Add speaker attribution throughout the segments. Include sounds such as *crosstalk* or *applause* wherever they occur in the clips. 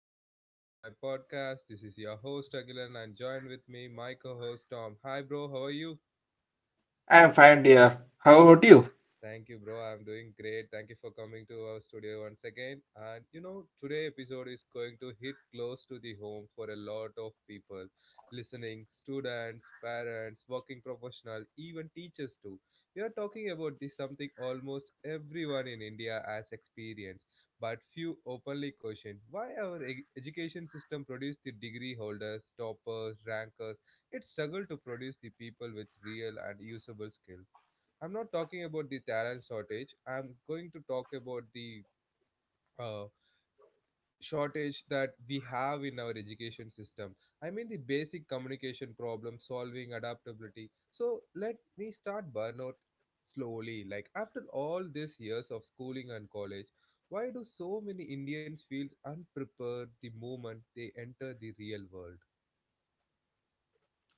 Speaker 1: another episode of my podcast. This is your host Agilan and join with me my co-host Tom. Hi bro, how are you?
Speaker 2: I'm fine, dear. How about you?
Speaker 1: Thank you, bro. I'm doing great. Thank you for coming to our studio once again. Today episode is going to hit close to the home for a lot of people listening, students, parents, working professional, even teachers too. We are talking about this something almost everyone in India has experienced, but few openly question why our education system produced the degree holders, toppers, rankers. It struggled to produce the people with real and usable skill. I'm not talking about the talent shortage. I'm going to talk about the uh, shortage that we have in our education system. I mean, the basic communication problem solving, adaptability. So, let me start burnout slowly. Like, after all these years of schooling and college, why do so many Indians feel unprepared the moment they enter the real world?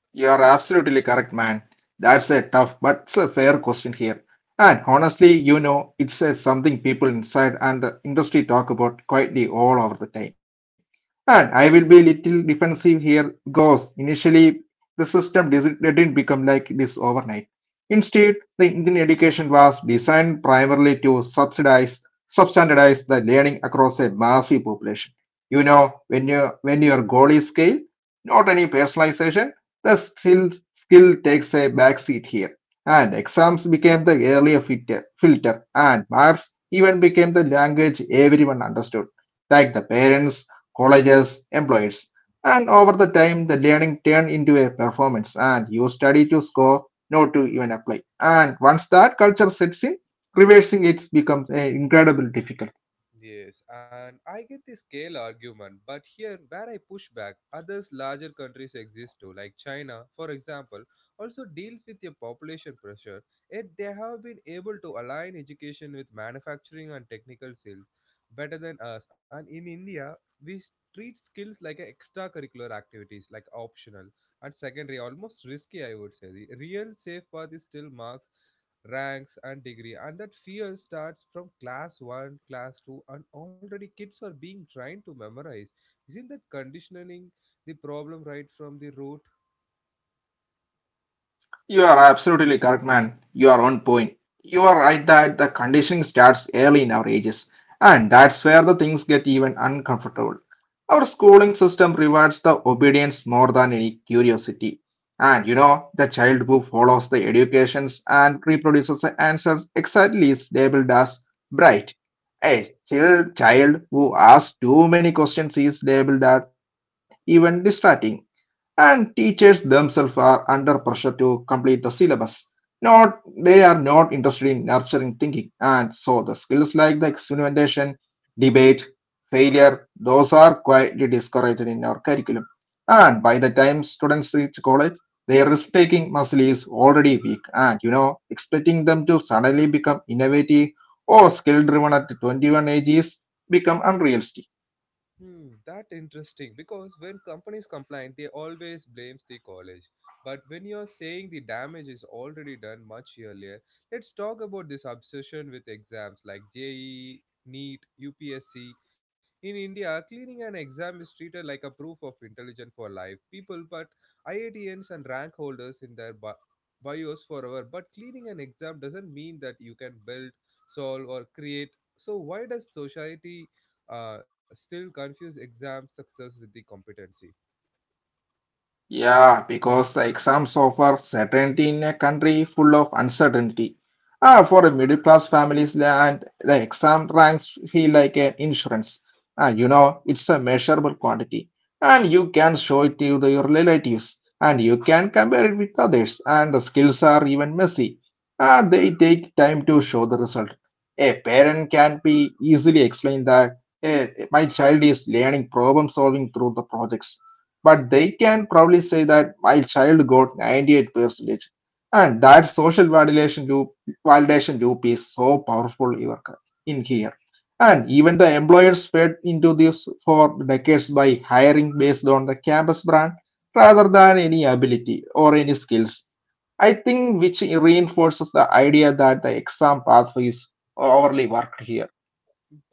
Speaker 2: You are absolutely correct, man. That's a tough but it's a fair question here. And honestly, you know, it's a something people inside and the industry talk about quietly all over the time. And I will be little defensive here because initially the system didn't become like this overnight. Instead, the Indian education was designed primarily to subsidize, substandardize the learning across a massive population. You know, when your goal is scale, not any personalization the skill takes a backseat here, and exams became the earlier filter, and marks even became the language everyone understood, like the parents, colleges, employers. And over the time, the learning turned into a performance, and you study to score, not to even apply. And once that culture sets in, reversing it becomes incredibly difficult.
Speaker 1: Yes, and I get the scale argument, but here where I push back, others larger countries exist too, like China, for example, also deals with a population pressure, yet they have been able to align education with manufacturing and technical skills better than us. And in India, we treat skills like a extracurricular activities, like optional and secondary, almost risky, I would say. The real safe path is still marks, ranks and degree, and that fear starts from class 1, class 2, and already kids are being trained to memorize. Isn't that conditioning the problem right from the root?
Speaker 2: You are absolutely correct, man. You are on point. You are right that the conditioning starts early in our ages, and that's where the things get even uncomfortable. Our schooling system rewards the obedience more than any curiosity. And you know, the child who follows the educations and reproduces the answers exactly is labeled as bright. A chill child who asks too many questions is labeled as even distracting and teachers themselves are under pressure to complete the syllabus. Not they are not interested in nurturing thinking, and so the skills like the experimentation, debate, failure, those are quietly discouraged in our curriculum. And by the time students reach college, their risk-taking muscle is already weak, and you know, expecting them to suddenly become innovative or skill-driven at 21 age is become unrealistic.
Speaker 1: Hmm, that interesting because when companies complain, they always blames the college. But when you're saying the damage is already done much earlier, let's talk about this obsession with exams like JEE, NEET, UPSC. In India, cleaning an exam is treated like a proof of intelligence for life. People put IITNs and rank holders in their bios forever, but cleaning an exam doesn't mean that you can build, solve, or create. So why does society still confuse exam success with the competency?
Speaker 2: Yeah, because the exams offer certainty in a country full of uncertainty. Ah, for a middle class families, and the exam ranks feel like an insurance. Ah, you know, it's a measurable quantity, and you can show it to your relatives, and you can compare it with others. And the skills are even messy, and they take time to show the result. A parent can be easily explained that my child is learning problem solving through the projects but they can probably say that my child got 98% percentage and that social validation loop is so powerful in here and even the employers fed into this for decades by hiring based on the campus brand rather than any ability or any skills. I think which reinforces the idea that the exam pathway is overly worked here.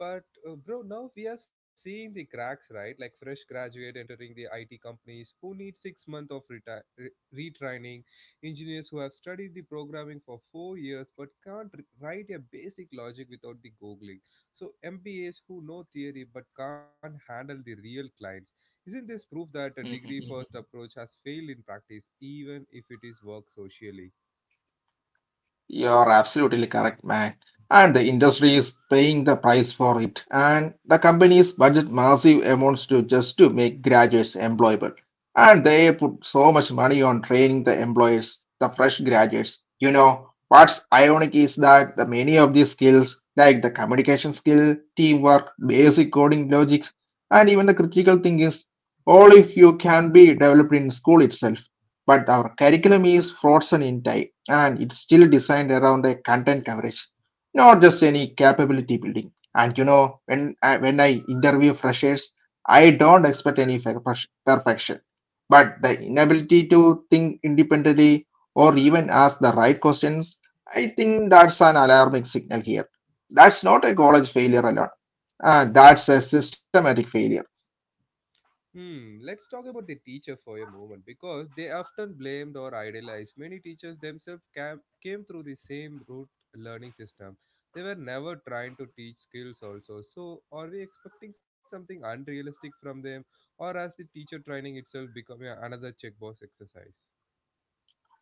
Speaker 1: But bro, now we are seeing the cracks, right? Like fresh graduate entering the IT companies who need six months of retraining, engineers who have studied the programming for four years but can't write a basic logic without the googling. So MBAs who know theory but can't handle the real clients. Isn't this proof that a degree first Mhm. approach has failed in practice, even if it is work socially?
Speaker 2: You're absolutely correct, man. And the industry is paying the price for it. And the companies budget massive amounts to just to make graduates employable. And they put so much money on training the employers, the fresh graduates. You know, what's ironic is that the many of these skills, like the communication skill, teamwork, basic coding logics, and even the critical thinking, is all if you can be developed in school itself. But our curriculum is frozen in time and it's still designed around a content coverage, not just any capability building. And you know, when I interview freshers, I don't expect any perfection, but the inability to think independently or even ask the right questions, I think that's an alarming signal here. That's not a college failure alone. That's a systematic failure.
Speaker 1: Hmm, let's talk about the teacher for a moment because they often blamed or idealized. Many teachers themselves came through the same root learning system. They were never trying to teach skills also. So are we expecting something unrealistic from them or has the teacher training itself become another checkbox exercise?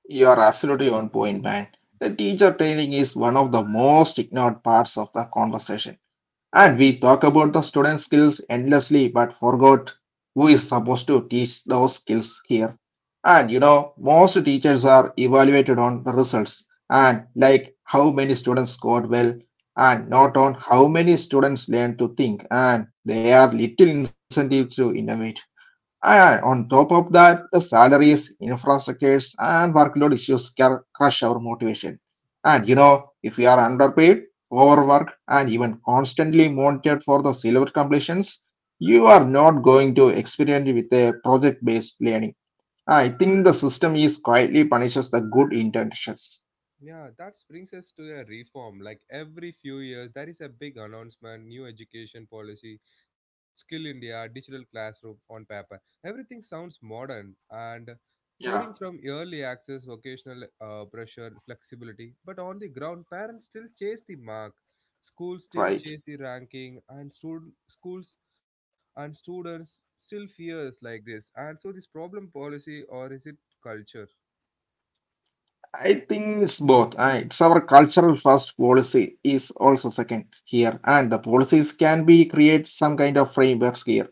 Speaker 2: You are absolutely on point, man. The teacher training is one of the most ignored parts of the conversation. And we talk about the student skills endlessly but forgot who is supposed to teach those skills here. And you know, most teachers are evaluated on the results and like how many students scored well and not on how many students learn to think and they are little incentives to innovate. Aye, aye. On top of that, the salaries, infrastructures, and workload issues can crush our motivation. And you know, if we are underpaid, overworked, and even constantly monitored for the silver completions, you are not going to experiment with a project-based learning. I think the system is quietly punishes the good intentions.
Speaker 1: Yeah, that brings us to a reform. Like every few years, there is a big announcement, new education policy, Skill India, digital classroom on paper. Everything sounds modern, and
Speaker 2: Yeah,
Speaker 1: coding from early access, vocational pressure, flexibility. But on the ground, parents still chase the mark. Schools still
Speaker 2: right.
Speaker 1: chase the ranking, and schools and students still fears like this. And so, this problem policy or is it culture?
Speaker 2: I think it's both. It's our cultural first policy is also second here, and the policies can be create some kind of frameworks here.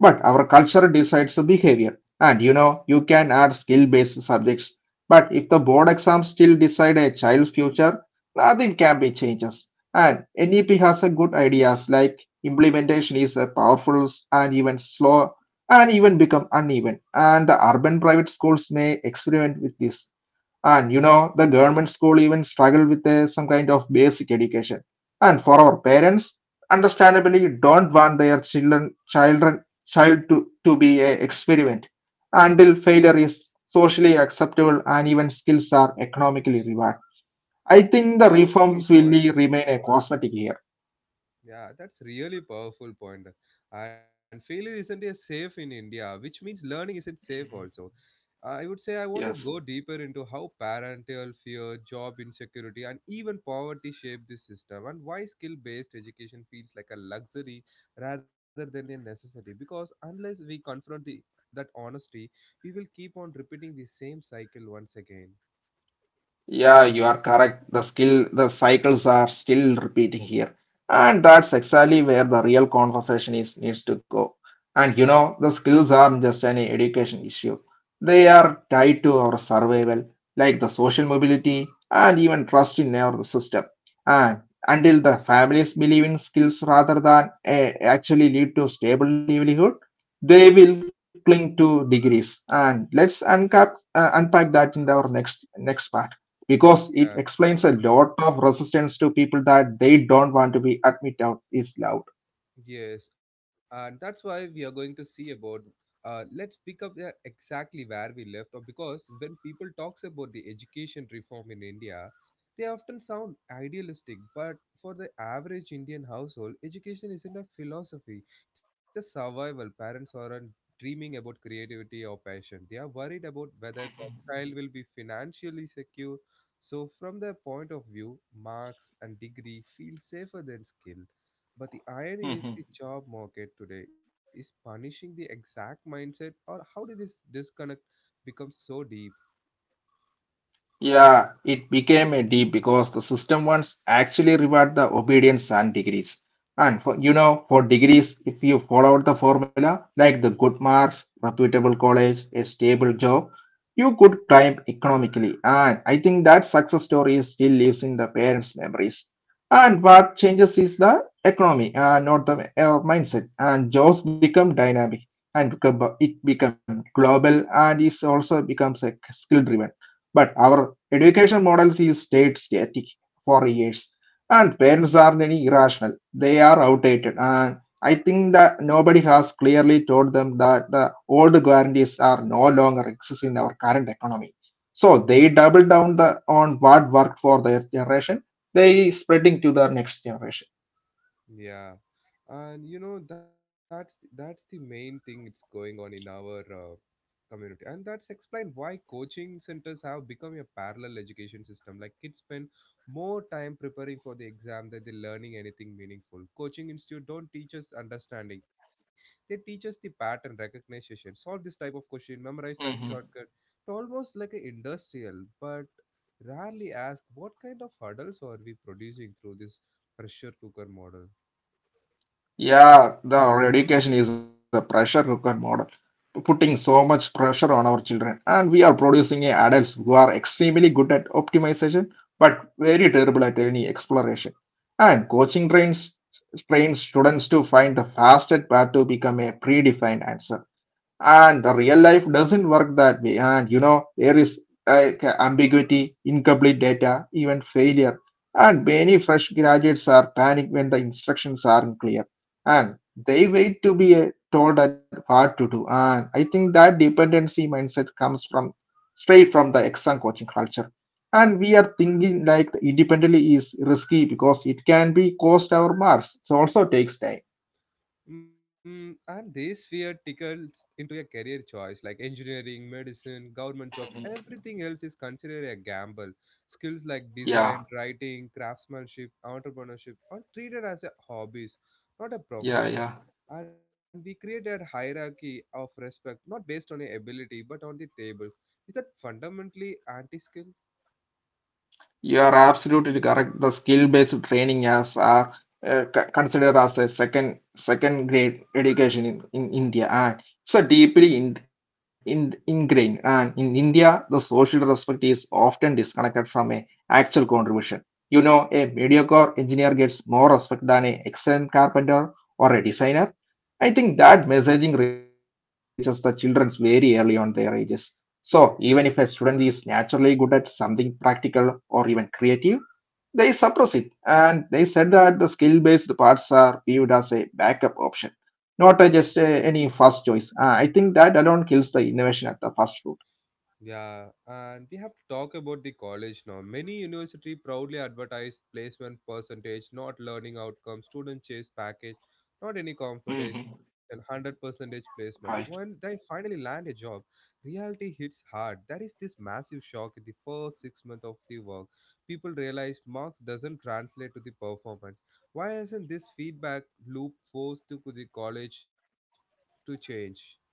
Speaker 2: But our culture decides the behavior, and you know you can add skill-based subjects. But if the board exams still decide a child's future, nothing can be changes. And NEP has a good ideas like implementation is a powerful and even slow and even become uneven. And the urban private schools may experiment with this and you know, the government school even struggle with some kind of basic education. And for our parents, understandably, don't want their children, child to be a experiment
Speaker 1: Yeah,
Speaker 2: until failure is socially acceptable and even skills are economically rewarded. I
Speaker 1: that's a
Speaker 2: think the
Speaker 1: powerful
Speaker 2: reforms will
Speaker 1: point.
Speaker 2: be- remain a cosmetic here.
Speaker 1: Yeah, that's really powerful point. And failure isn't a safe in India, which means learning isn't safe also. I would say I want to
Speaker 2: Yes.
Speaker 1: go deeper into how parental fear, job insecurity, and even poverty shape this system, and why skill based education feels like a luxury rather than a necessity. Because unless we confront the, that honesty, we will keep on repeating the same cycle once again.
Speaker 2: Yeah, you are correct. The skill, the cycles are still repeating here. And that's exactly where the real conversation is needs to go. And you know, the skills aren't just any education issue. They are tied to our survival, like the social mobility and even trust in our system. And until the families believe in skills rather than actually lead to stable livelihood, they will cling to degrees. And let's unpack that in our next part. Because it
Speaker 1: Yeah.
Speaker 2: explains a lot of resistance to people that they don't want to be admit out is loud.
Speaker 1: Yes, and that's why we are going to see about. Let's pick up exactly where we left off because when people talks about the education reform in India, they often sound idealistic. But for the average Indian household, education isn't a philosophy; it's a survival. Parents aren't dreaming about creativity or passion. They are worried about whether their child will be financially secure. So, from their point of view, marks and degree feel safer than skill. But the irony is the
Speaker 2: Mhm.
Speaker 1: job market today is punishing the exact mindset or how did this disconnect become so deep?
Speaker 2: Yeah, it became a D because the system ones actually reward the obedience and degrees. And for you know, for degrees, if you followed the formula like the good marks, reputable college, a stable job, you could climb economically. And I think that success story still lives in the parents' memories. And what changes is the economy and not the mindset. And jobs become dynamic and become, it become global and it also becomes a skill driven but our education models is stayed static for years, and parents are very irrational. They are outdated, and I think that nobody has clearly told them that the old guarantees are no longer exist in our current economy. So they double down the, on what worked for their generation.
Speaker 1: Mm.
Speaker 2: They spreading to the next generation.
Speaker 1: Yeah. And you know that's the main thing it's going on in our community, and that's explained why coaching centers have become a parallel education system. Like kids spend more time preparing for the exam than they learning anything meaningful. Coaching institute don't teach us understanding, they teach us the pattern recognition, solve this type of question, memorize that shortcut. It's almost like an industrial but rarely ask what kind of hurdles are we producing through this pressure cooker model.
Speaker 2: Yeah, the education is a pressure cooker model, putting so much pressure on our children. And we are producing a adults who are extremely good at optimization, but very terrible at any exploration. And coaching trains students to find the fastest path to become a predefined answer and the real life doesn't work that way and you know there is like ambiguity incomplete data even failure and many fresh graduates are panicked when the instructions aren't clear and they wait to be told at what to do and I think that dependency mindset comes from straight from the exam coaching culture and we are thinking like independently is risky because it can be cost our marks it also takes time.
Speaker 1: Mm, and this fear tickles into a career choice like engineering, medicine, government jobs,
Speaker 2: Mhm.
Speaker 1: everything else is considered a gamble. Skills like
Speaker 2: Yeah,
Speaker 1: design, writing, craftsmanship, entrepreneurship are treated as a hobbies, not a
Speaker 2: yeah,
Speaker 1: profession.
Speaker 2: yeah.
Speaker 1: And we create a hierarchy of respect not based on a ability but on the table. Is that fundamentally anti skill?
Speaker 2: You are absolutely correct. The skill-based training as are considered as a second grade education in India, and so deeply ingrained. And in India, the social respect is often disconnected from a actual contribution. You know, a mediocre engineer gets more respect than a excellent carpenter or a designer. I think that messaging reaches the children very early on their ages. So even if a student is naturally good at something practical or even creative, they suppress it, and they said that the skill-based parts are viewed as a backup option, not a just any first choice. I think that alone kills the innovation at the first root.
Speaker 1: Yeah, and we have to talk about the college now. Many university proudly advertise placement percentage, not learning outcome, student chase package, not any competition,
Speaker 2: Mm-hmm.
Speaker 1: 100 percentage placement. When they finally land a job, reality hits hard. There is this massive shock in the first six months of the work. People realize marks doesn't translate to the performance. Why isn't this feedback loop forced to the college to change?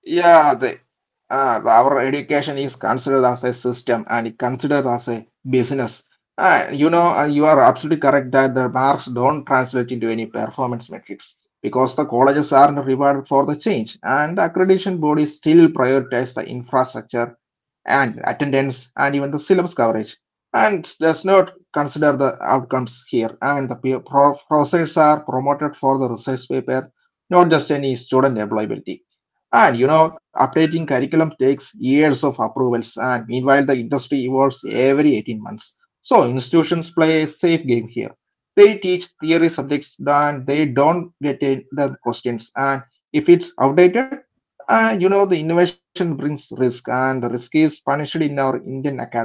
Speaker 2: Yeah, the, our education is considered as a system and it considered as a business. You are absolutely correct that the marks don't translate into any performance metrics because the colleges aren't rewarded for the change and the accreditation bodies still prioritize the infrastructure and attendance and even the syllabus coverage and does not consider the outcomes here and the professors are promoted for the research paper, not just any student employability and you know, updating curriculum takes years of approvals, and meanwhile, the industry evolves every 18 months. So, institutions play a safe game here. They teach theory subjects and they don't get the questions. And if it's outdated, you know, the innovation brings risk, and the risk is punished in our Indian academy.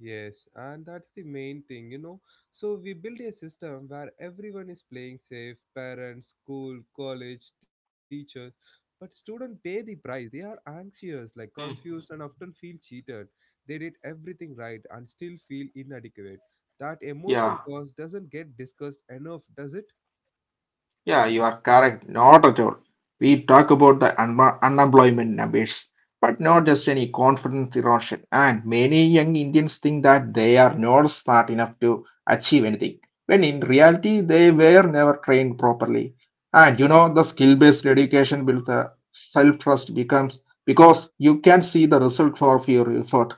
Speaker 1: Yes, and that's the main thing, you know. So we build a system where everyone is playing safe, parents, school, college, teachers, but students pay the price. They are anxious, like
Speaker 2: Mm.
Speaker 1: confused and often feel cheated. They did everything right and still feel inadequate. That emotional
Speaker 2: Yeah,
Speaker 1: cost doesn't get discussed enough, does it?
Speaker 2: yeah, you are correct. Not at all. We talk about the unemployment numbers, but not just any confidence erosion. And many young Indians think that they are not smart enough to achieve anything, when in reality, they were never trained properly. And you know, the skill based education builds the self trust becomes because you can see the result of your effort.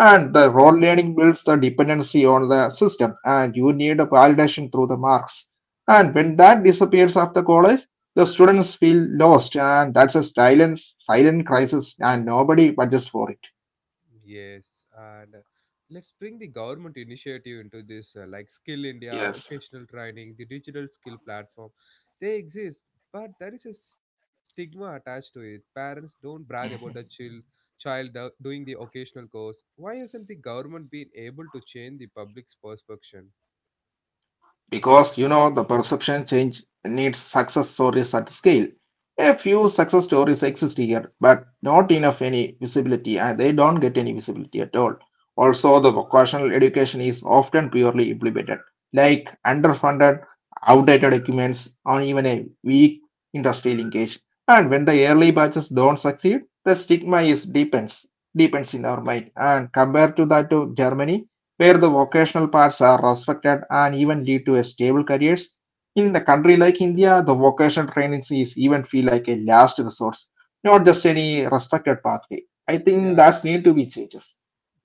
Speaker 2: And the role learning builds the dependency on the system, and you need a validation through the marks and when that disappears after college, the students feel lost, and that's a silent crisis, and nobody budgets for it.
Speaker 1: Yes, and let's bring the government initiative into this, like Skill India,
Speaker 2: Yes.
Speaker 1: vocational training, the digital skill platform. They exist, but there is a stigma attached to it. Parents don't brag about the doing the occasional course. Why hasn't the government been able to change the public's perception?
Speaker 2: Because you know the perception change needs success stories at scale. A few success stories exist here, but not enough any visibility, and they don't get any visibility at all. Also, the vocational education is often poorly implemented, like underfunded, outdated documents, or even a weak industry linkage. And when the early batches don't succeed, the stigma is deepens in our mind. And compared to that to Germany, where the vocational paths are respected and even lead to a stable careers. In the country like India, the vocational training is even feel like a last resource, not just any respected pathway. I
Speaker 1: Yeah.
Speaker 2: think that's need to be changed.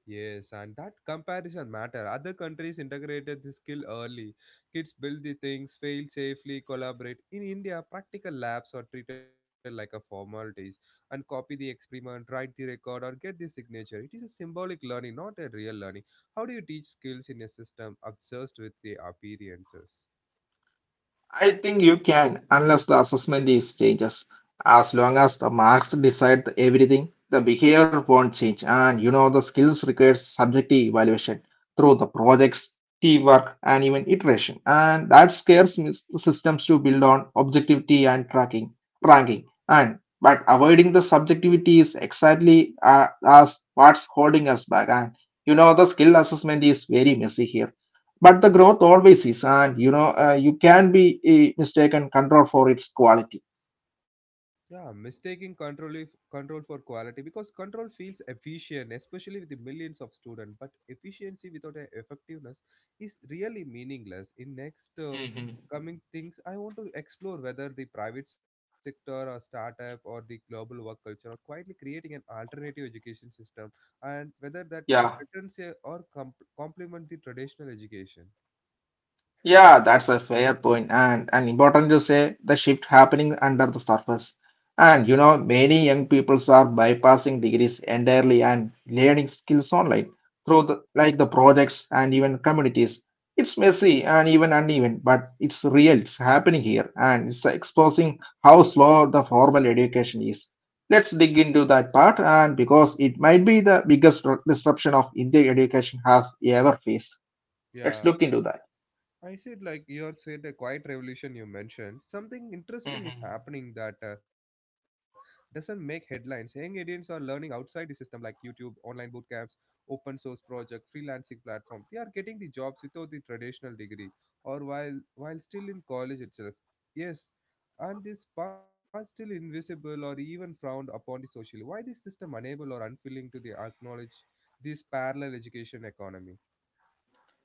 Speaker 1: Yes, and that comparison matter. Other countries integrated this skill early. Kids build the things, fail safely, collaborate. In India, practical labs are treated like a formalities and copy the experiment, write the record, or get the signature. It is a symbolic learning, not a real learning. How do you teach skills in a system obsessed with the appearances?
Speaker 2: I think you can, unless the assessment is changes. As long as the marks decide the everything, the behavior won't change. And you know, the skills requires subjective evaluation through the projects, teamwork, and even iteration. And that scares me- systems to build on objectivity and tracking, ranking. And but avoiding the subjectivity is exactly as what's holding us back. And you know, the skill assessment is very messy here but the growth always is and you know you can be mistaken control for its quality.
Speaker 1: Yeah, mistaking control if, control for quality because control feels efficient, especially with the millions of students. But efficiency without a effectiveness is really meaningless. In next
Speaker 2: Hmm.
Speaker 1: coming things, I want to explore whether the private sector or startup or the global work culture are quietly creating an alternative education system, and whether that
Speaker 2: Yeah.
Speaker 1: threatens or complement the traditional education.
Speaker 2: Yeah, that's a fair point and important to say the shift happening under the surface. And you know, many young people are bypassing degrees entirely and learning skills online through like the projects and even communities. It's messy and even uneven, but it's real, it's happening here, and it's exposing how slow the formal education is. Let's dig into that part, and because it might be the biggest disruption of Indian education has ever faced. Let's
Speaker 1: Yeah.
Speaker 2: look into
Speaker 1: I said, like you had said, a quiet revolution you mentioned. Something
Speaker 2: that.
Speaker 1: interesting is happening that doesn't make headlines. Young Indians are learning outside the system, like YouTube, online boot camps, open source project, freelancing platform. They are getting the jobs without the traditional degree, or while still in college itself. Yes, and this path still invisible or even frowned upon the socially. Why this system unable or unwilling to the acknowledge this parallel education economy?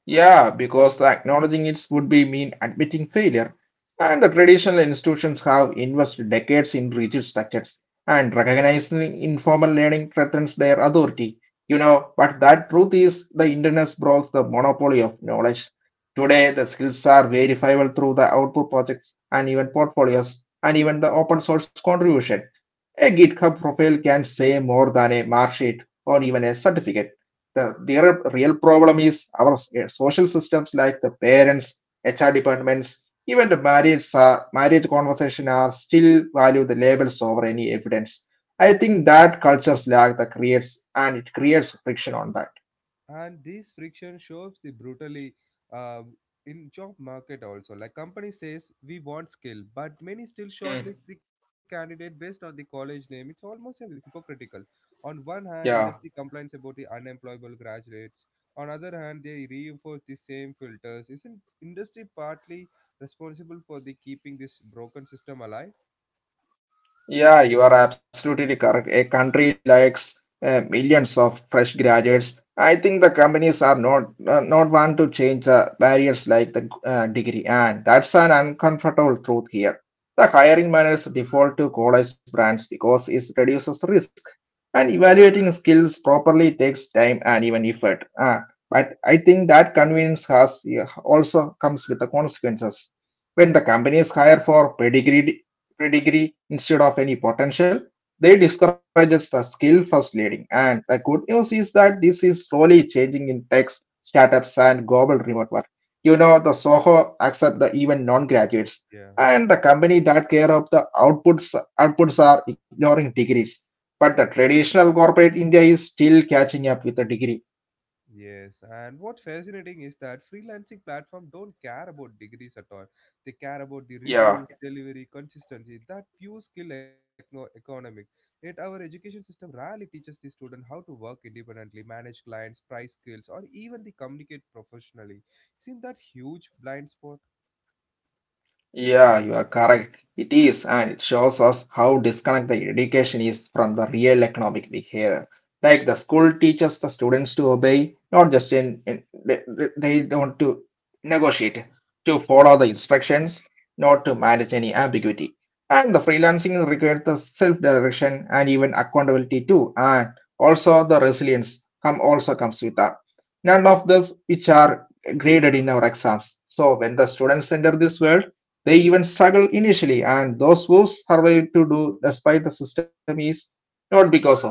Speaker 2: Yeah, because acknowledging it would be mean admitting failure, and the traditional institutions have invested decades in rigid structures, and recognizing informal learning threatens their authority. You know, but that truth is the internet broke the monopoly of knowledge. Today, the skills are verifiable through the output projects and even portfolios and even the open source contribution. A GitHub profile can say more than a mark sheet or even a certificate. The their real problem is our social systems like the parents, HR departments, even the marriage marriage conversation are still value the labels over any evidence. I think that cultures lack that creates and it creates friction on that.
Speaker 1: And this friction shows the brutally uh, in job market also. Like company says we want skill but many still
Speaker 2: Mm.
Speaker 1: shortlist the candidate based on the college name. It's almost a hypocritical. On one hand
Speaker 2: Yeah.
Speaker 1: industry complains about the unemployable graduates, on other hand they reinforce the same filters. Isn't industry partly responsible for the keeping this broken system alive?
Speaker 2: Yeah, you are absolutely correct. A country lacks millions of fresh graduates. I think the companies are not want to change the barriers like the degree, and that's an uncomfortable truth here. The hiring managers default to college brands because it reduces risk, and evaluating skills properly takes time and even effort. But I think that convenience has, yeah, also comes with the consequences. When the companies hire for pedigree instead of any potential. They discourages the skill first leading. And the good news is that this is slowly changing in tech startups and global remote work. You know, the Soho accept the even non-graduates,
Speaker 1: Yeah.
Speaker 2: and the company that care of the outputs are ignoring degrees. But the traditional corporate India is still catching up with the degree.
Speaker 1: Yes, and what fascinating is that freelancing platform don't care about degrees at all. They care about the
Speaker 2: Yeah.
Speaker 1: reviews, delivery, consistency, that pure skill economic. Yet our education system rarely teaches the student how to work independently, manage clients, price skills, or even the communicate professionally. Isn't that huge blind spot?
Speaker 2: Yeah, you are correct. It is, and it shows us how disconnected the education is from the real economic behavior. Like the school teaches the students to obey, not just in they don't to negotiate, to follow the instructions, not to manage any ambiguity. And the freelancing requires the self-direction and even accountability too, and also the resilience comes with that. None of those which are graded in our exams. So when the students enter this world they even struggle initially, and those who survive to do despite the system is not because of it.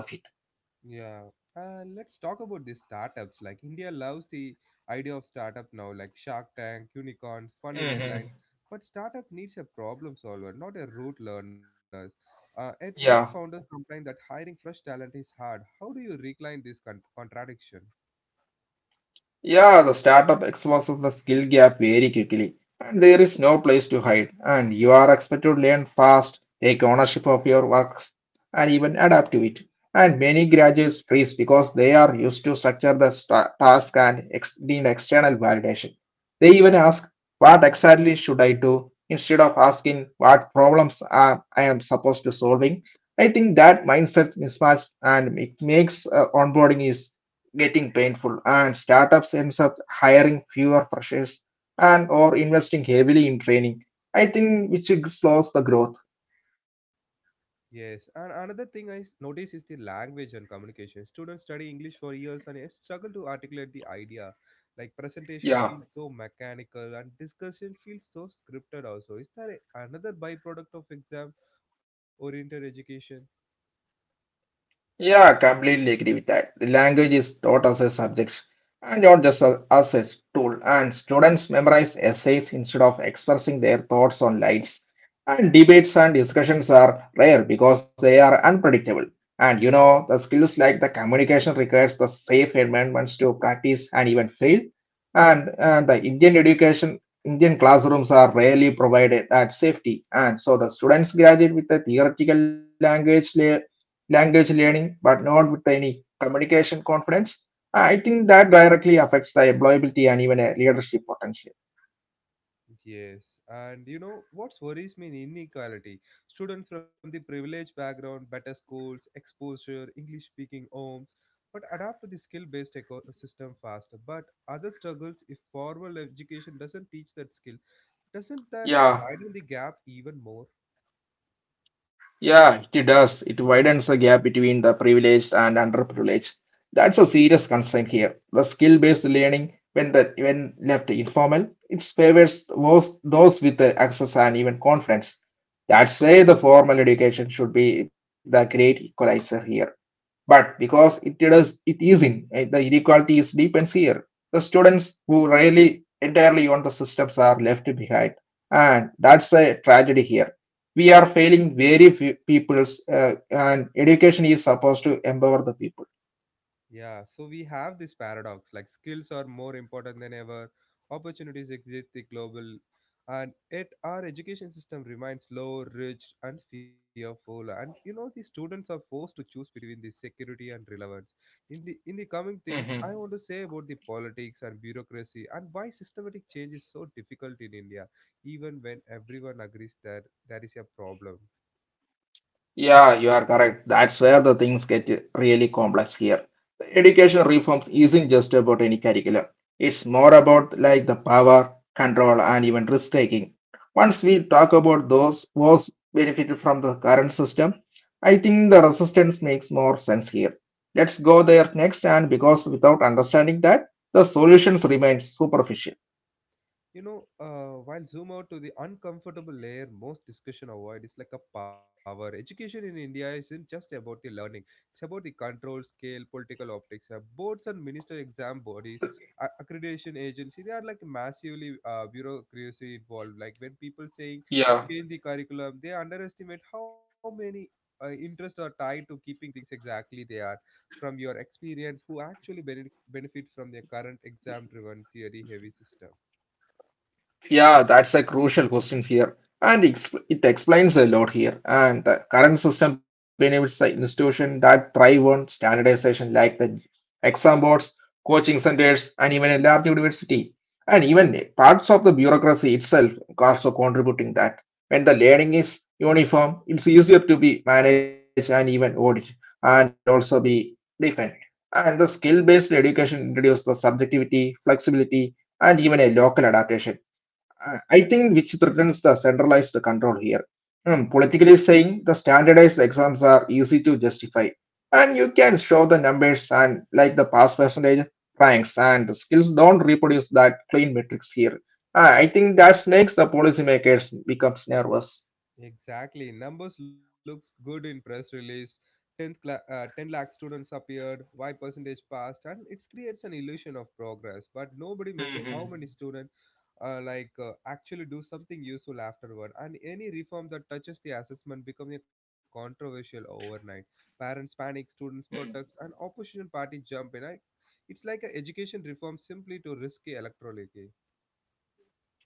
Speaker 1: Yeah, and let's talk about these startups. Like India loves the idea of startup now, like Shark Tank, unicorns, funding
Speaker 2: Hmm.
Speaker 1: headlines. But startup needs a problem solver, not a rote learner. And many founders
Speaker 2: Yeah.
Speaker 1: complain that hiring fresh talent is hard. How do you recline this contradiction?
Speaker 2: Yeah, the startup exposes the skill gap very quickly, and there is no place to hide. And you are expected to learn fast, take ownership of your works, and even adapt to it. And many graduates freeze because they are used to structure the sta- task and ex- need external validation. They even ask, "What exactly should I do?" instead of asking, "What problems are I am supposed to solving?" I think that mindset mismatch and it makes onboarding is getting painful and startups ends up hiring fewer freshers and or investing heavily in training, I think which slows the growth.
Speaker 1: Yes, and another thing I notice is the language and communication. Students study English for years and yet struggle to articulate the idea. Like presentation feels
Speaker 2: Yeah.
Speaker 1: so mechanical and discussion feels so scripted also. Is that another byproduct of exam oriented education?
Speaker 2: Yeah, I completely agree with that. The language is taught as a subject and not just as a tool. And students memorize essays instead of expressing their thoughts on lines. And debates and discussions are rare because they are unpredictable. And you know, the skills like the communication requires the safe environments to practice and even fail. And the Indian education, Indian classrooms are rarely provided at safety. And so the students graduate with a theoretical language learning, but not with any communication confidence, I think that directly affects the employability and even a leadership potential.
Speaker 1: Yes, and you know what worries me in inequality? Students from the privileged background, better schools, exposure, English speaking homes, but adapt to the skill based ecosystem faster. But other struggles if formal education doesn't teach that skill. Doesn't that
Speaker 2: Yeah.
Speaker 1: widen the gap even more?
Speaker 2: Yeah, it does. It widens the gap between the privileged and underprivileged. That's a serious concern here. The skill-based learning, when the when left informal, it favors those with the access and even confidence. That's why the formal education should be the great equalizer here. But because it does, it is in the inequality is deep and severe. The students who rely entirely on the systems are left behind, and that's a tragedy here, we are failing very few peoples and education is supposed to empower the people.
Speaker 1: Yeah, so we have this paradox, like skills are more important than ever, opportunities exist the global, and yet our education system remains low, rich and fearful, and the students are forced to choose between the security and relevance. In the coming
Speaker 2: Hmm.
Speaker 1: things I want to say about the politics and bureaucracy and why systematic change is so difficult in India even when everyone agrees that that is a problem.
Speaker 2: Yeah, you are correct, that's where the things get really complex here. Education reforms isn't just about any curriculum, it's more about like the power, control, and even risk taking. Once we talk about those was benefited from the current system, I think the resistance makes more sense here. Let's go there next, and because without understanding that the solutions remain superficial.
Speaker 1: While zoom out to the uncomfortable layer, most discussion avoid is like a power. Education in India isn't just about the learning; it's about the control, scale, political optics. Boards and minister exam bodies, accreditation agency, they are like massively bureaucracy involved. Like when people saying
Speaker 2: Yeah,
Speaker 1: change the curriculum, they underestimate how many interests are tied to keeping things exactly they are. From your experience, who actually benefit from their current exam-driven theory-heavy system?
Speaker 2: yeah, that's a crucial question here. And ex it explains a lot here. And the current system benefits the institution that thrive on standardization, like the exam boards, coaching centers, and even a lab university. And even parts of the bureaucracy itself also contributing that. When the learning is uniform, it's easier to be managed and even audit, and also be defined. And the skill-based education introduces the subjectivity, flexibility, and even a local adaptation. I think which threatens the centralized control here. Hmm, politically saying, the standardized exams are easy to justify, and you can show the numbers and like the pass percentage, ranks, and the skills don't reproduce that clean metrics here. I think that makes the policymakers becomes nervous.
Speaker 1: Exactly. Numbers looks good in press release. 10 lakh students appeared, Y percentage passed, and it creates an illusion of progress. But nobody measures how
Speaker 2: Mm-hmm.
Speaker 1: many students actually do something useful afterward. And any reform that touches the assessment becomes a controversial overnight. Parents panic, students protest, and opposition party jump in. It's like a education reform simply to risky electorally.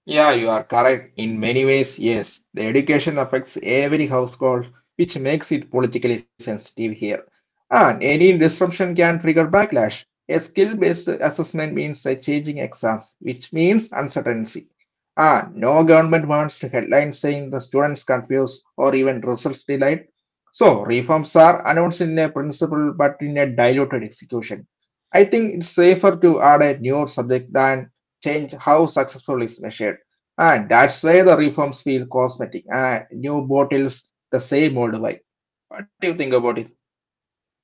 Speaker 2: Yeah, you are correct. In many ways, yes. The education affects every household, which makes it politically sensitive here. And any disruption can trigger backlash. A skill-based assessment means a changing exams, which means uncertainty. And no government wants headlines saying the students confused or even results delayed. So reforms are announced in a principle but in a diluted execution. I think it's safer to add a newer subject than change how successful is measured. And that's where the reforms feel cosmetic and new bottles the same old wine. What do you think about it?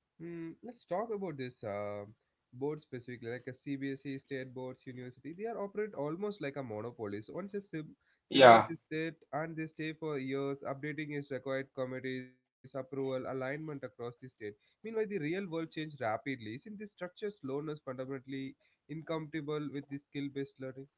Speaker 1: Hmm, let's talk about this board specifically, like a CBSE, state boards, university. They are operate almost like a monopoly. So once a
Speaker 2: Yeah.
Speaker 1: syllabus is set and they stay for years, updating is required, committees, approval, alignment across the state. Meanwhile, the real world change rapidly. Isn't this structure slowness fundamentally incompatible with the skill-based learning?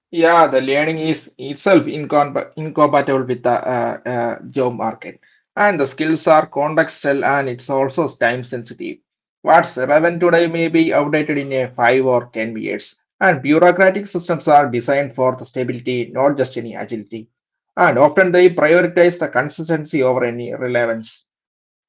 Speaker 2: Yeah, the learning is itself incompatible with the job market, and the skills are contextual and it's also time sensitive. What's relevant today may be outdated in a 5 or 10 years, and bureaucratic systems are designed for the stability, not just any agility. And often they prioritize the consistency over any relevance,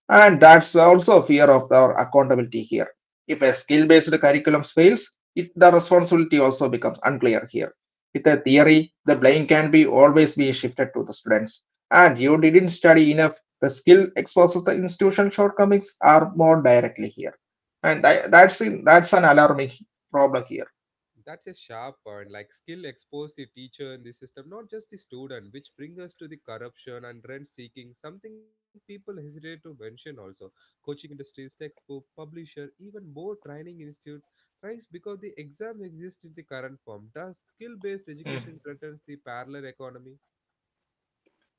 Speaker 2: and that's also fear of our accountability here. If a skill-based curriculum fails, it, the responsibility also becomes unclear here, with a theory, the blame can be always be shifted to the students. And you didn't study enough. The skill exposes the institution shortcomings are more directly here, and
Speaker 1: Yeah.
Speaker 2: that's an alarming problem here.
Speaker 1: That's a sharp point. Like skill expose the teacher in the system, not just the student, which brings us to the corruption and rent seeking, something people hesitate to mention also. Coaching industries, textbook, publisher, even more training institute thrives because the exam exists in the current form. Thus, skill based
Speaker 2: Hmm.
Speaker 1: education threatens the parallel economy.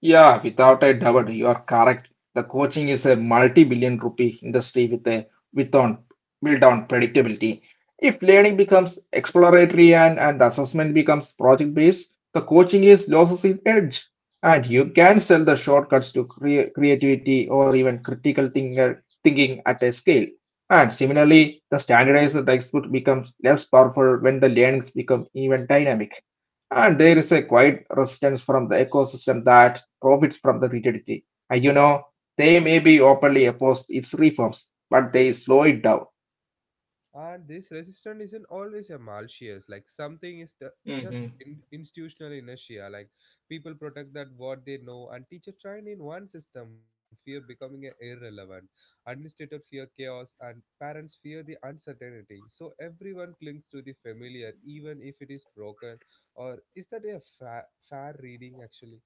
Speaker 2: Yeah, without a doubt, you are correct. The coaching is a multi-billion rupee industry with a with on built on predictability. If learning becomes exploratory and the assessment becomes project-based, the coaching is loses its edge, and you can sell the shortcuts to creativity or even thinking at a scale. And similarly, the standardized textbook becomes less powerful when the learnings become even dynamic and there is a quiet resistance from the ecosystem that profits from the rigidity. And you know, they may be openly opposed its reforms, but they slow it down.
Speaker 1: And this resistance isn't always a malicious, like something is the,
Speaker 2: Hmm.
Speaker 1: institutional inertia. Like people protect that what they know, and teacher trained in one system fear becoming a irrelevant. Administrator fear chaos, and parents fear the uncertainty. So everyone clings to the familiar, even if it is broken. Or is that a fair reading actually?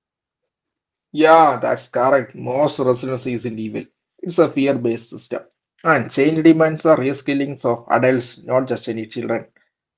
Speaker 2: Yeah, that's correct. Most resilience isn't evil. It's a fear-based system. And change demands a reskilling of adults, not just any children.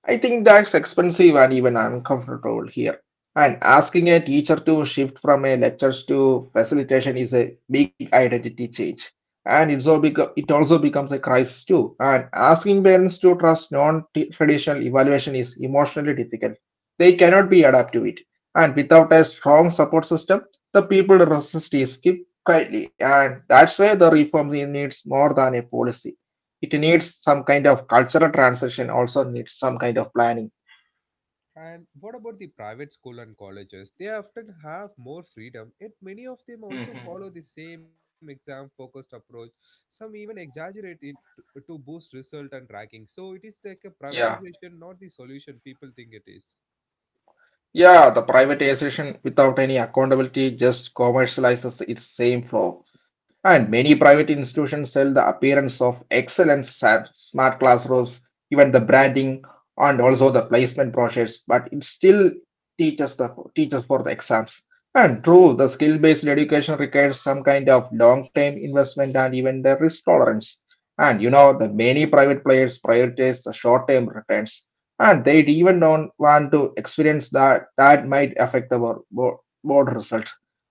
Speaker 2: I think that's expensive and even uncomfortable here. And asking a teacher to shift from a lectures to facilitation is a big identity change. And it also becomes a crisis too. And asking parents to trust non-traditional evaluation is emotionally difficult. They cannot be adapt to it. And without a strong support system, the people resist is keep quietly. And that's why the reform needs more than a policy. It needs some kind of cultural transition, also needs some kind of planning.
Speaker 1: And what about the private school and colleges? They often have more freedom, yet many of them also follow
Speaker 2: hmm
Speaker 1: the same exam-focused approach. Some even exaggerate it to boost result and ranking. So it is like a
Speaker 2: Yeah.
Speaker 1: privatization, not the solution people think it is.
Speaker 2: Yeah, the privatization without any accountability just commercializes its same flaw. And many private institutions sell the appearance of excellent smart classrooms, even the branding and also the placement process, but it still teaches for the exams. And true, the skill-based education requires some kind of long-term investment and even the risk tolerance. And the many private players prioritize the short-term returns and they even don't want to experience that might affect our board result,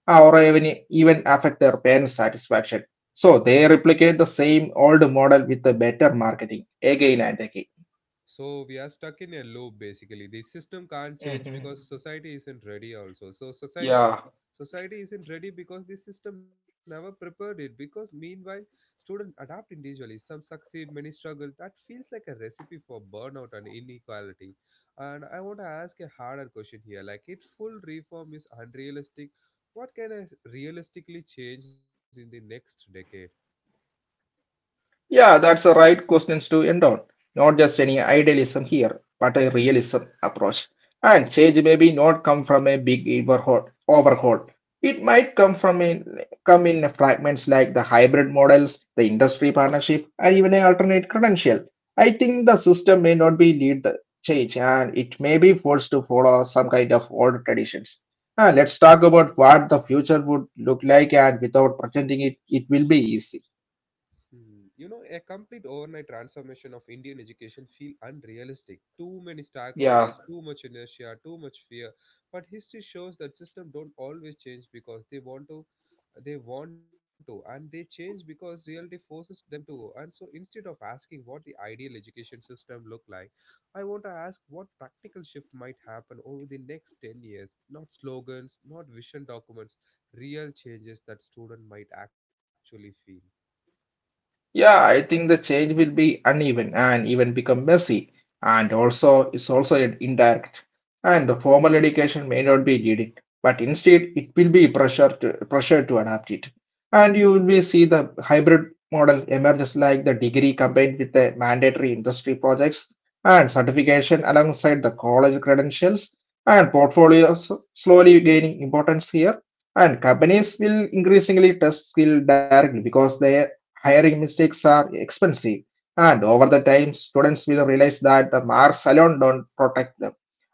Speaker 2: or even affect their parent satisfaction, so they replicate the same old model with the better marketing again and again.
Speaker 1: So we are stuck in a loop basically. The system can't change
Speaker 2: Mhm.
Speaker 1: because society isn't ready also. So society
Speaker 2: Yeah.
Speaker 1: society isn't ready because the system never prepared it, because meanwhile students adapt individually, some succeed, many struggle. That feels like a recipe for burnout and inequality, and I want to ask a harder question here, like if full reform is unrealistic, what can I realistically change in the next decade?
Speaker 2: Yeah, that's the right questions to end on. Not just any idealism here, but a realism approach. And change may be not come from a big overhaul. It might come from come in fragments like the hybrid models, the industry partnership, and even an alternate credential. I think the system may not be lead the change, and it may be forced to follow some kind of old traditions. Let's talk about what the future would look like, and without pretending it will be easy.
Speaker 1: Hmm. A complete overnight transformation of Indian education feel unrealistic. Too many
Speaker 2: Yeah.
Speaker 1: stakeholders, too much inertia, too much fear. But history shows that system don't always change because they want to, and they change because reality forces them to. And so, instead of asking what the ideal education system look like, I want to ask what practical shift might happen over the next 10 years. Not slogans, not vision documents, real changes that student might actually feel.
Speaker 2: Yeah, I think the change will be uneven and even become messy, and also it's also indirect. And the formal education may not be leading, but instead it will be pressure to adapt it. And you will be see the hybrid model emerges like the degree combined with the mandatory industry projects and certification alongside the college credentials and portfolios slowly gaining importance here. And companies will increasingly test skill directly because they hiring mistakes are expensive, and over the time, students will realize that the marks alone don't protect them.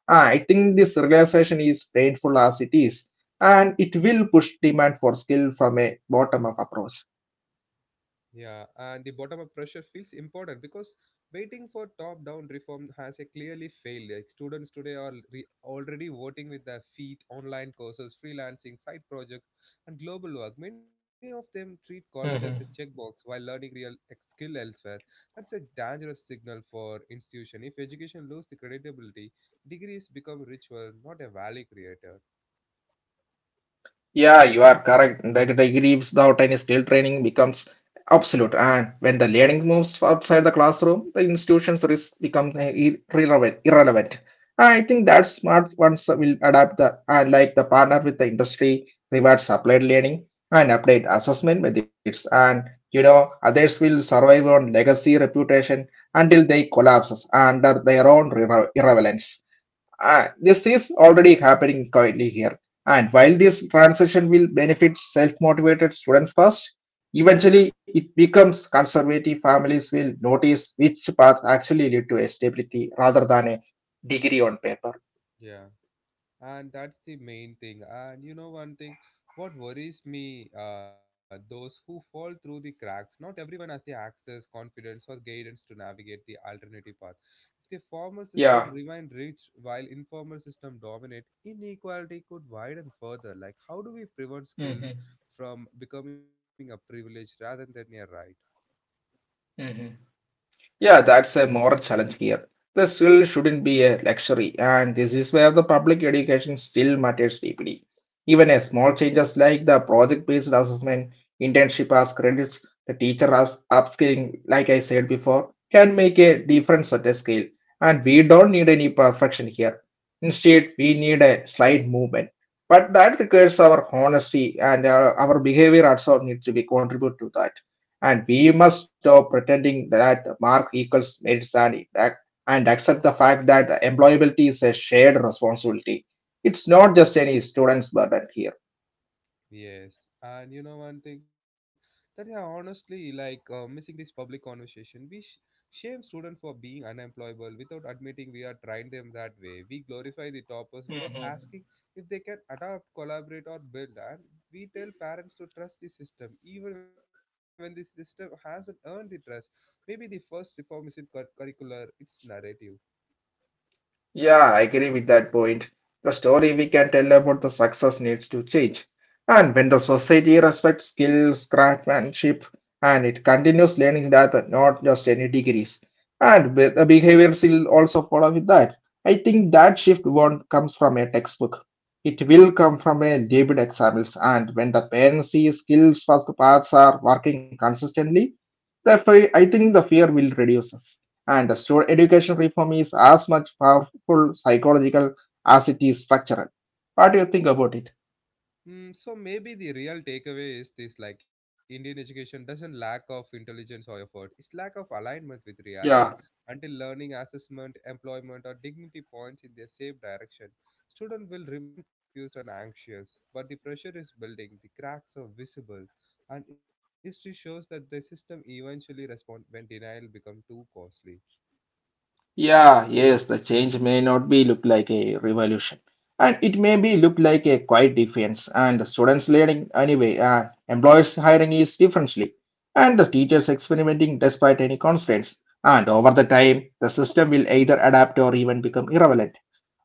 Speaker 2: I think this realization is painful as it is, and it will push demand for skill from a bottom-up approach.
Speaker 1: Yeah, and the bottom up pressure feels important because waiting for top down reform has a clearly failed. Like students today are already voting with their feet, online courses, freelancing, side projects, and global work. Many of them treat college as a checkbox while learning real skill elsewhere. That's a dangerous signal for institution. If education lose the credibility, degrees become ritual, not a value creator.
Speaker 2: Yeah, you are correct. The degree without any skill training becomes absolute, and when the learning moves outside the classroom, the institution's risk becomes irrelevant. I think that smart ones will adapt the and like the partner with the industry, rewards applied learning and update assessment methods, and you know others will survive on legacy reputation until they collapse under their own irrelevance. This is already happening quietly here. And while this transition will benefit self motivated students first, eventually it becomes conservative families will notice which path actually lead to a stability rather than a degree on paper.
Speaker 1: Yeah. And that's the main thing. And you know one thing What worries me, those who fall through the cracks, not everyone has the access, confidence or guidance to navigate the alternative path. If the formal system
Speaker 2: Yeah.
Speaker 1: remain rich while informal system dominate, inequality could widen further. Like how do we prevent skill
Speaker 2: Mm-hmm.
Speaker 1: from becoming a privilege rather than a right?
Speaker 2: Yeah, that's a moral challenge here. The skill shouldn't be a luxury, and this is where the public education still matters deeply. Even a small changes like the project-based assessment, internship as credits, the teacher as upskilling, like I said before, can make a difference at a scale. And we don't need any perfection here. Instead, we need a slight movement. But that requires our honesty and our behavior also needs to be contribute to that. And we must stop pretending that mark equals merits and accept the fact that employability is a shared responsibility. It's not just any student's burden here.
Speaker 1: Yes, and you know one thing that I honestly like, missing this public conversation. We shame students for being unemployable without admitting we are trying them that way. We glorify the toppers without asking if they can adapt, collaborate, or build. And we tell parents to trust the system even when the system hasn't earned the trust. Maybe the first reform isn't curricular; it's narrative.
Speaker 2: Yeah, I agree with that point. The story we can tell about the success needs to change. And when the society respects skills, craftsmanship, and it continues learning that not just any degrees, and the behaviors will also follow with that. I think that shift won't comes from a textbook. It will come from a labeled examples. And when the parents see skills first paths are working consistently, the I think the fear will reduce. And the student education reform is as much powerful psychological as it is structural. What do you think about it?
Speaker 1: Mm, so maybe the real takeaway is this, like Indian education doesn't lack of intelligence or effort. It's lack of alignment with
Speaker 2: Yeah,
Speaker 1: reality. Until learning, assessment, employment or dignity points in their same direction, students will remain confused and anxious. But the pressure is building, the cracks are visible, and history shows that the system eventually responds when denial becomes too costly.
Speaker 2: yeah, Yes, the change may not be look like a revolution. And it may be look like a quiet defense. And the students learning anyway, employers hiring is differently. And the teachers experimenting despite any constraints. And over the time, the system will either adapt or even become irrelevant.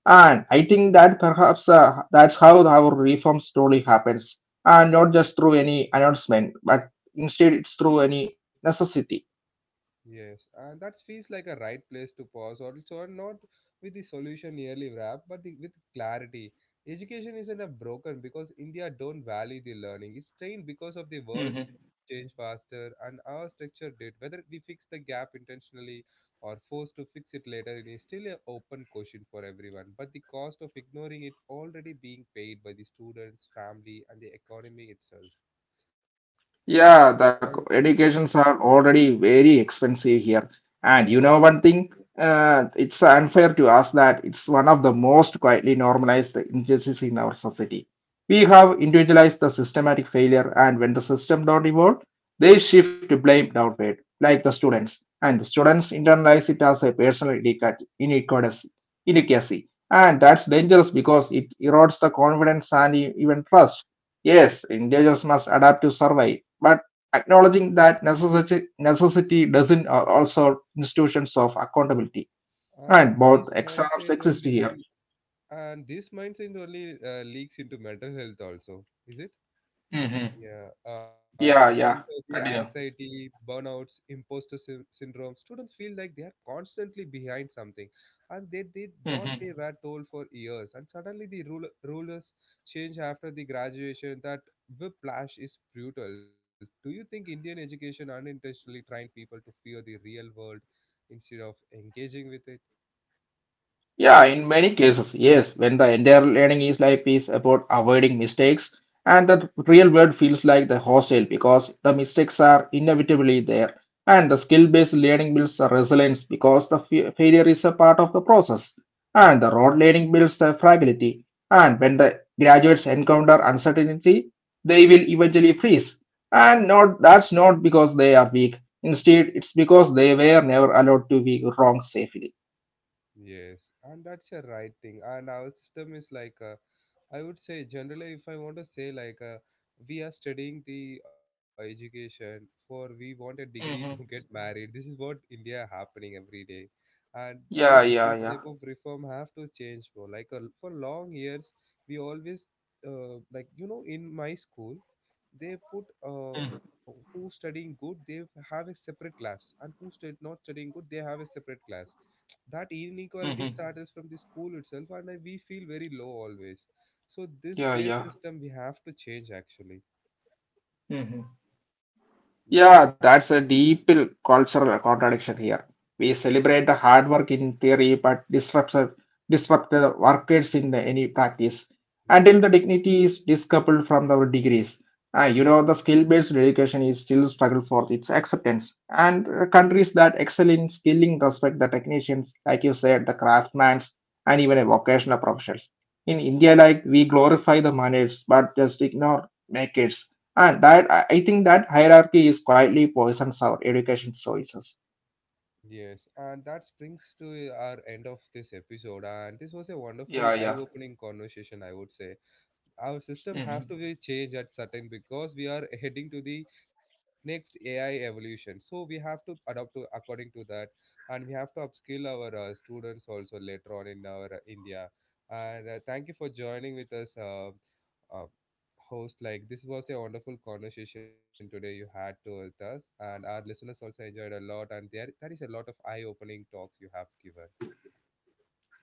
Speaker 2: And I think that perhaps that's how our reform slowly happens, and not just through any announcement, but instead it's through any necessity.
Speaker 1: Yes, and that feels like a right place to pause also, and not with the solution nearly wrapped, but the, with clarity. Education isn't a broken because India don't value the learning. It's trained because of the world change faster, and our structure did. Whether we fix the gap intentionally or forced to fix it later, it is still an open question for everyone. But the cost of ignoring it already being paid by the students, family, and the economy itself. And I
Speaker 2: Yeah, the
Speaker 1: wonder—
Speaker 2: educations are already very expensive here. And you
Speaker 1: yeah,
Speaker 2: know one thing, it's unfair to us that it's one of the most quietly normalized injustices in our society. We have individualized the systematic failure, and when the system don't evolve, they shift to blame downward, like the students. And the students internalize it as a personal inequity. And that's dangerous because it erodes the confidence and even trust. Yes, individuals must adapt to survive, but acknowledging that necessity doesn't also institutions of accountability.
Speaker 1: and
Speaker 2: And
Speaker 1: this
Speaker 2: both extremes
Speaker 1: mindset
Speaker 2: exist here.
Speaker 1: only— And this mindset only leaks into mental health also, is it?
Speaker 2: Hmm.
Speaker 1: Yeah, it brings
Speaker 2: Yeah,
Speaker 1: out the
Speaker 2: yeah. Continue.
Speaker 1: anxiety, burnouts, imposter syndrome. Students feel like they are constantly behind something, and they did what they were told for years. And suddenly, the rulers change after the graduation. That whiplash is brutal. Do you think Indian education unintentionally trained people to fear the real world instead of engaging with it?
Speaker 2: Yeah, in many cases, yes, when the entire learning is life is about avoiding mistakes, and the real world feels like the hostile because the mistakes are inevitably there, and the skill-based learning builds the resilience because the failure is a part of the process, and the rote learning builds the fragility, and when the graduates encounter uncertainty, they will eventually freeze, and not that's not because they are weak. Instead, it's because they were never allowed to be wrong safely.
Speaker 1: Yes, and that's a right thing. And our system is like, I would say, generally, if I want to say, like, we are studying the education for we want a degree *laughs* to get married. This is what India happening every day, and
Speaker 2: Yeah,
Speaker 1: this
Speaker 2: yeah,
Speaker 1: this
Speaker 2: yeah.
Speaker 1: type of reform have to change, bro. Like for long years, we always in my school, they put who studying good, they have a separate class, and who stud not studying good, they have a separate class. That inequality
Speaker 2: Mm-hmm.
Speaker 1: starts from the school itself, and we feel very low always, so this
Speaker 2: Yeah,
Speaker 1: base
Speaker 2: yeah.
Speaker 1: system we have to change actually.
Speaker 2: Mm-hmm.
Speaker 1: Yeah.
Speaker 2: Yeah, that's a deep cultural contradiction here. We celebrate the hard work in theory, but disrupt the workers in any practice
Speaker 1: yeah
Speaker 2: until the dignity is decoupled from our degrees. You know, the skill-based education is still struggle for its acceptance, and countries that excel in skilling respect the technicians, like you said, the craftsmen, and even a vocational professionals. In India, like we glorify the miners, but just ignore makers. And that I think that hierarchy is quietly poisons our education choices.
Speaker 1: yes, and that brings to our end of this episode, and this was a wonderful
Speaker 2: Yeah, yeah.
Speaker 1: eye-opening conversation, I would say. Our system have
Speaker 2: Hmm.
Speaker 1: to be changed at certain because we are heading to the next AI evolution. So we have to adapt to according to that, and we have to upskill our students also later on in our India. And thank you for joining with us, uh, host. Like this was a wonderful conversation today you had to with us, and our listeners also enjoyed a lot. And there is a lot of eye-opening talks you have given.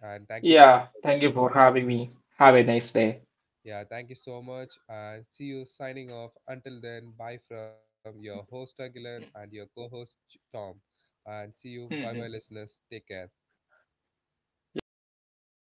Speaker 1: And thank you so
Speaker 2: Yeah. Thank
Speaker 1: much.
Speaker 2: you for having me. Have a nice day.
Speaker 1: Yeah, thank you so much. And see you signing off. Until then, bye from your host, Agilan, and your co host, Tom. And see you. Bye bye,
Speaker 2: Hmm.
Speaker 1: listeners. Take care.
Speaker 2: Yeah.